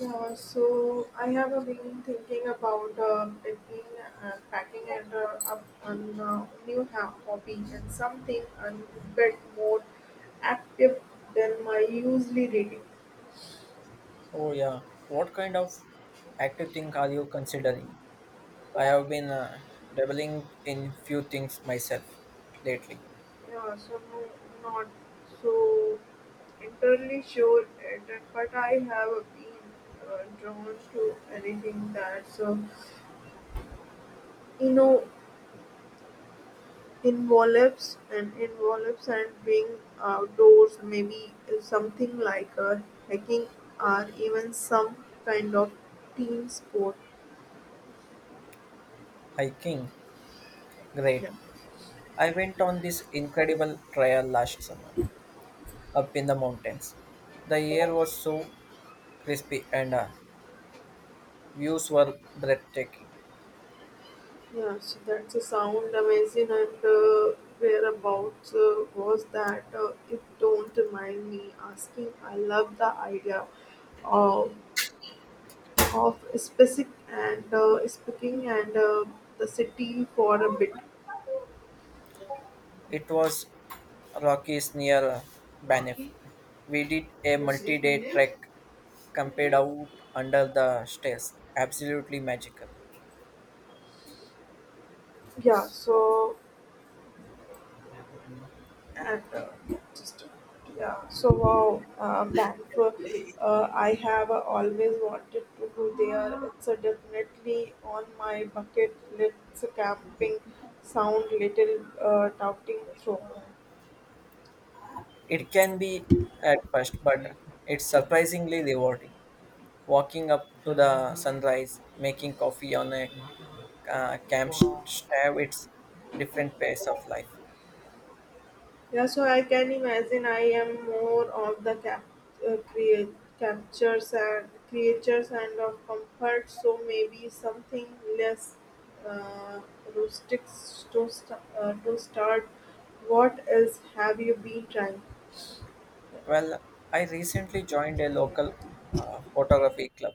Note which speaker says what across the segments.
Speaker 1: Yeah, so I have been thinking about picking, packing and up on new hobby and something a bit more active than my usually reading.
Speaker 2: Oh yeah, what kind of active thing are you considering? I have been dabbling in few things myself lately.
Speaker 1: Yeah, so no, not so entirely sure it, but I have been drawn to anything that's you know Envelopes and envelopes and being outdoors, maybe something like a hiking or even some kind of team sport.
Speaker 2: Hiking, great.
Speaker 1: Yeah.
Speaker 2: I went on this incredible trail last summer up in the mountains. The air was so crispy and views were breathtaking.
Speaker 1: Yeah, so that's a sound amazing. And whereabouts was that? If don't mind me asking, I love the idea of of specific and speaking and the city for a bit.
Speaker 2: It was Rockies near Banff. We did a multi-day trek camped out under the stairs. Absolutely magical.
Speaker 1: Yeah, so and just yeah so wow Banff I have always wanted to go there. It's definitely on my bucket list. Camping sound little touting through.
Speaker 2: It can be at first, but it's surprisingly rewarding. Walking up to the sunrise, making coffee on a camp stove, it's different pace of life.
Speaker 1: Yeah, so I can imagine I am more of the uh, create, captures and creatures and of comfort, so maybe something less uh, rustic to, to start. What else have you been trying?
Speaker 2: Well, I recently joined a local photography club.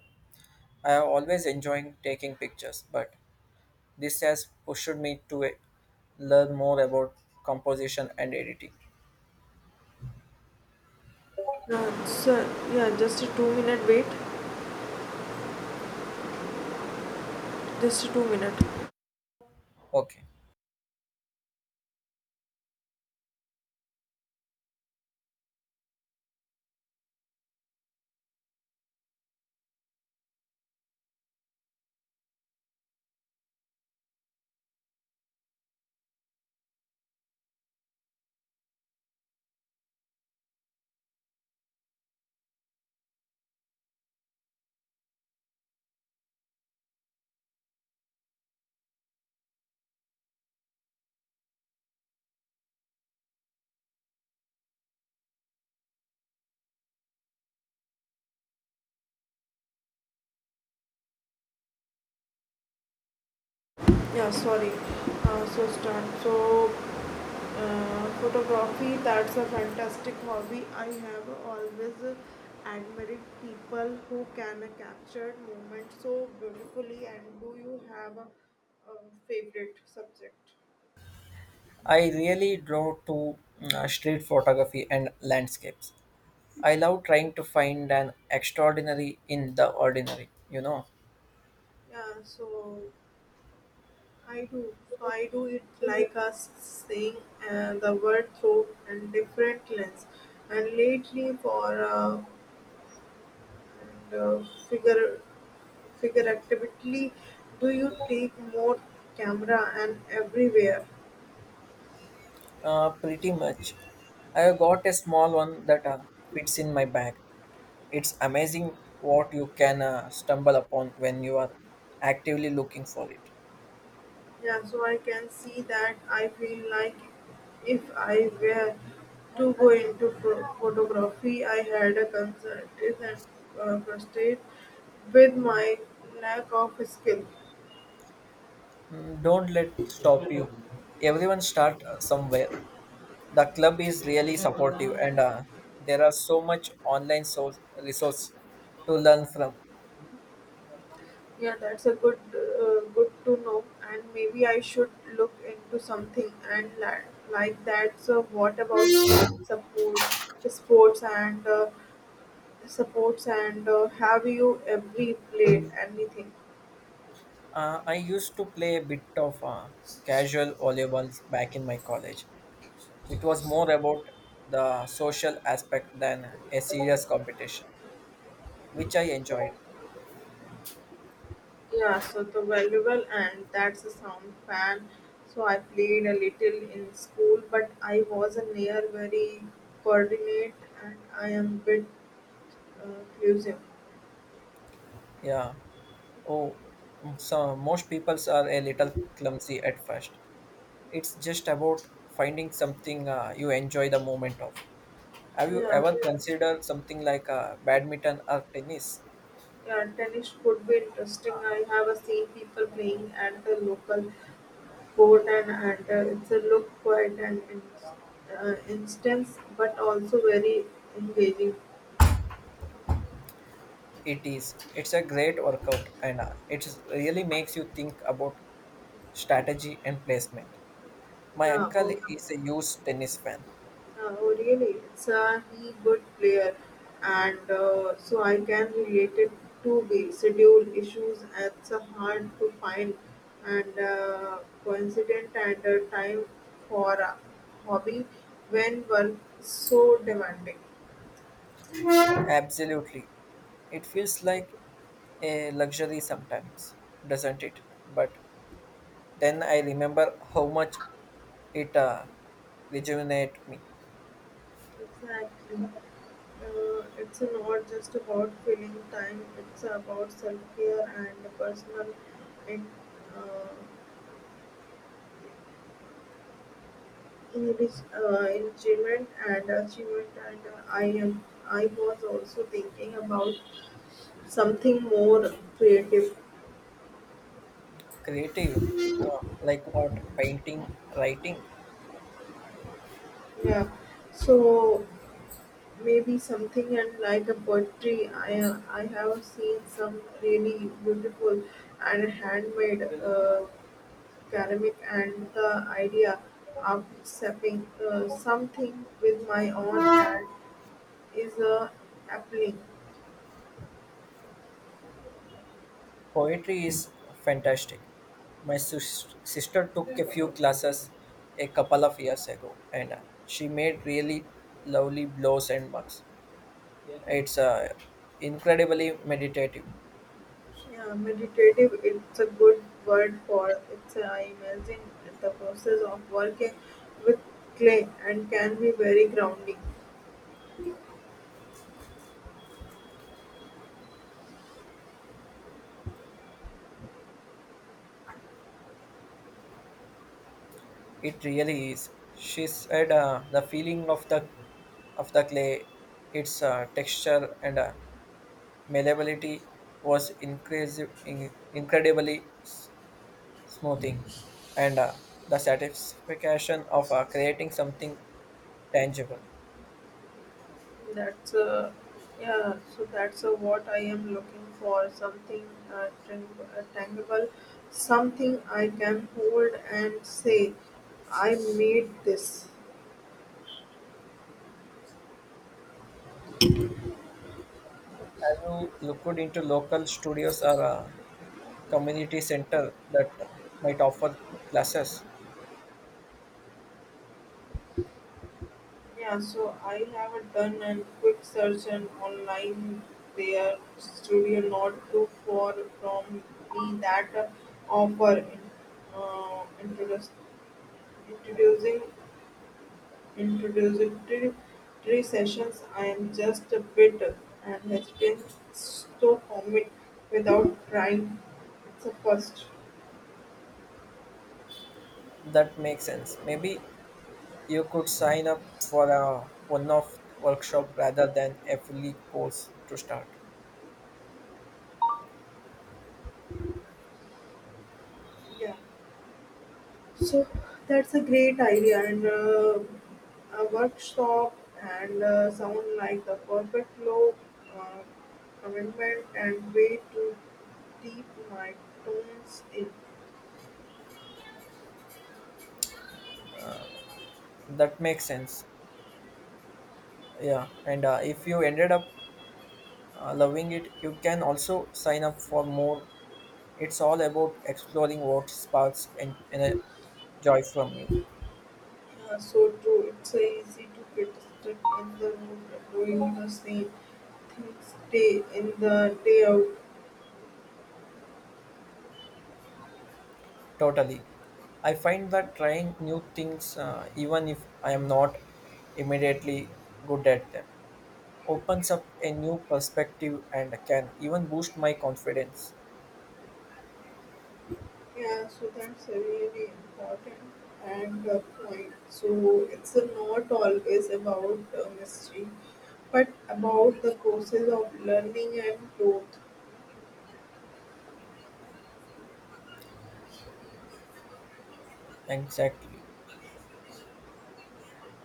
Speaker 2: I have always enjoyed taking pictures, but this has pushed me to learn more about composition and editing.
Speaker 1: Yeah, so, yeah, just a 2-minute wait. Just a 2-minute.
Speaker 2: Okay.
Speaker 1: Yeah, sorry. So start. So photography, that's a fantastic hobby. I have always admired people who can capture moments so beautifully. And do you have a favorite subject?
Speaker 2: I really draw to street photography and landscapes. I love trying to find an extraordinary in the ordinary, you know.
Speaker 1: Yeah, so I do it like us seeing the word through and different lens. And lately for and, figure figuratively, do you take more camera and everywhere?
Speaker 2: Pretty much. I have got a small one that fits in my bag. It's amazing what you can stumble upon when you are actively looking for it.
Speaker 1: Yeah so I can see that I feel like if I were to go into pho- photography I had a consultant and frustrated with my lack of skill
Speaker 2: Mm, don't let stop you. Everyone start somewhere. The club is really supportive and there are so much online resource to learn from.
Speaker 1: yeah, that's a good to know. And maybe I should look into something and like that. So what about team support sports and supports and have you every played anything?
Speaker 2: I used to play a bit of casual volleyball back in my college. It was more about the social aspect than a serious competition, which I enjoyed.
Speaker 1: Yeah, so the valuable and that's a sound fan. So I played a little in school, but I was a near very coordinate and I am bit clusive.
Speaker 2: Yeah. Oh, mm, so most people are a little clumsy at first. It's just about finding something you enjoy the moment of. Have you
Speaker 1: Yeah,
Speaker 2: ever considered something like badminton or tennis?
Speaker 1: yeah, tennis could be interesting. I have seen people playing at the local court, and it's a look quite an instance but also very engaging.
Speaker 2: It is. It's a great workout, and it really makes you think about strategy and placement. My
Speaker 1: Yeah,
Speaker 2: uncle
Speaker 1: oh.
Speaker 2: is a huge tennis fan.
Speaker 1: Oh, really? It's a he good player, and so I can relate it to the schedule issues. It's hard to find and coincident and time for a hobby when work is so demanding.
Speaker 2: Absolutely. It feels like a luxury sometimes, doesn't it? But then I remember how much it rejuvenates me.
Speaker 1: Exactly. It's not just about filling time; it's about self care and personal in, uh, English enrichment and achievement, and I was also thinking about something more creative.
Speaker 2: Creative, like what? Painting, writing.
Speaker 1: Yeah, so maybe something and like a poetry. I have seen some really beautiful and handmade ceramic, and the idea of stepping something with my own hand is appealing.
Speaker 2: Poetry is fantastic. My sister took a few classes a couple of years ago and she made really lovely blows and mugs. It's incredibly meditative.
Speaker 1: Yeah, meditative, it's a good word for it's I imagine the process of working with clay and can be very grounding.
Speaker 2: It really is. She said the feeling of the clay, its texture and malleability was incredibly smoothing, and the satisfaction of creating something tangible.
Speaker 1: That's yeah, so that's what I am looking for something tangible, something I can hold and say, I made this.
Speaker 2: Have you looked into local studios or community center that might offer classes?
Speaker 1: Yeah, so I have done a quick search and online their studio not too far from me that offer in, introduce, introducing introductory 3 sessions. I am just a bit and hesitant to commit without trying. It's a first.
Speaker 2: That makes sense. Maybe you could sign up for a one-off workshop rather than a fully course to start.
Speaker 1: Yeah. So that's a great idea, and a workshop and sound like the perfect low uh, commitment and way to deep my tones in.
Speaker 2: That makes sense. Yeah, and if you ended up loving it, you can also sign up for more. It's all about exploring what sparks and joy from you.
Speaker 1: Yeah, so true. It's so easy to get stuck in the room doing the same things day in the day out.
Speaker 2: Totally. I find that trying new things, even if I am not immediately good at them, opens up a new perspective and can even boost my confidence.
Speaker 1: Yeah, so that's a really important and point. So it's not always about mystery, but about the process of learning and growth.
Speaker 2: Exactly,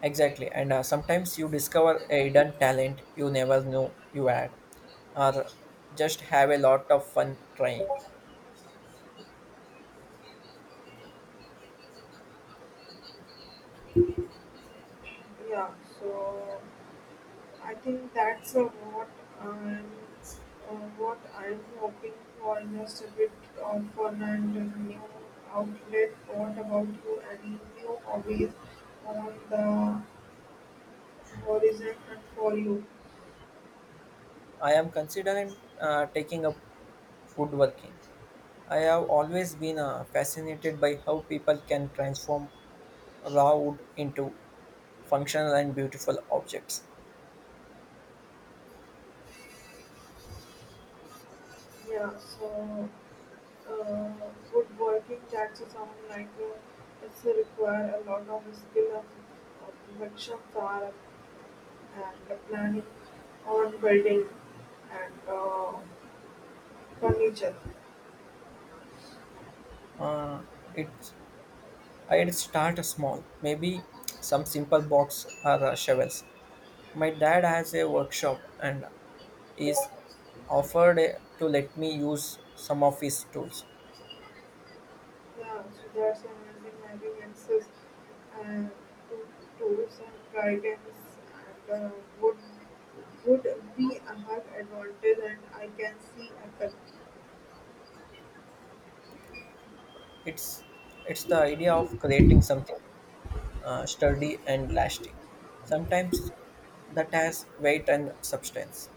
Speaker 2: exactly. And sometimes you discover a hidden talent you never knew you had, or just have a lot of fun trying.
Speaker 1: Yeah, so I think that's I'm what I'm hoping for. Just a bit of fun and a new outlet. What about you? Any new hobbies on the horizon and for you?
Speaker 2: I am considering taking up woodworking. I have always been fascinated by how people can transform raw wood into functional and beautiful objects.
Speaker 1: Yeah, so. Uh, Woodworking takes sound like it's require a lot of skill and perfection for and the planning on building and furniture.
Speaker 2: Uh, it's I'd start small, maybe some simple box or shovels. My dad has a workshop, and is offered to let me use some of his tools.
Speaker 1: Yeah, so that's amazing having access and to tools and guidance and would would be a hard advantage and I can see a.
Speaker 2: It's it's the idea of creating something sturdy and lasting. Sometimes that has weight and substance.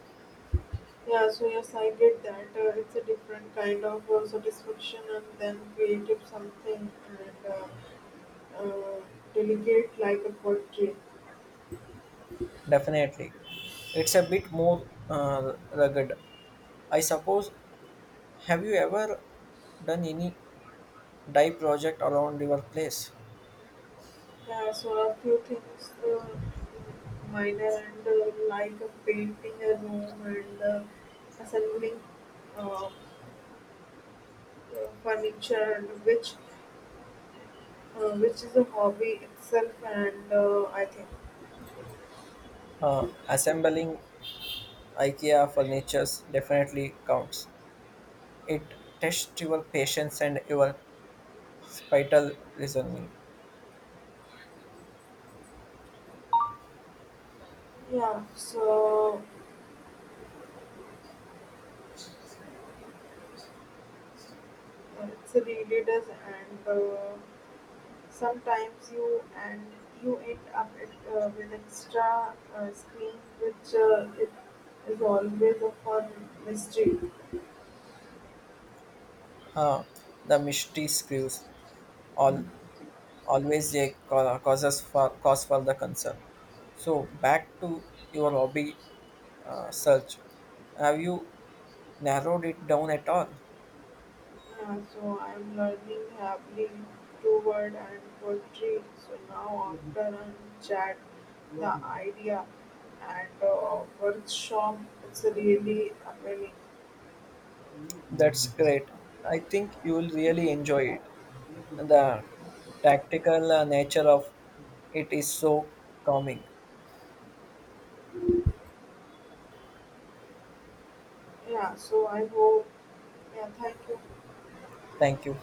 Speaker 1: Yeah, so yes, I get that. It's a different kind of satisfaction, and then creative something and uh, delicate like a poetry.
Speaker 2: Definitely, it's a bit more rugged. I suppose. Have you ever done any dye project around your place?
Speaker 1: Yeah, so a few things minor and like a painting a room and assembling uh, furniture, and which is a hobby itself, and I think.
Speaker 2: Assembling IKEA furnitures definitely counts. It tests your patience and your vital reasoning.
Speaker 1: Yeah, so it's a really does and. Sometimes you end up with extra screen, which it is always a fun mystery.
Speaker 2: Huh. The mystery screws all always a cause for the concern. So back to your hobby search. Have you narrowed it down at all?
Speaker 1: Yeah, so I'm learning happily to word and poetry. So now after I chat, the idea and workshop, it's really appealing.
Speaker 2: That's great. I think you will really enjoy it. The tactical nature of it is so calming.
Speaker 1: Yeah, so I hope. Yeah, thank you.
Speaker 2: Thank you.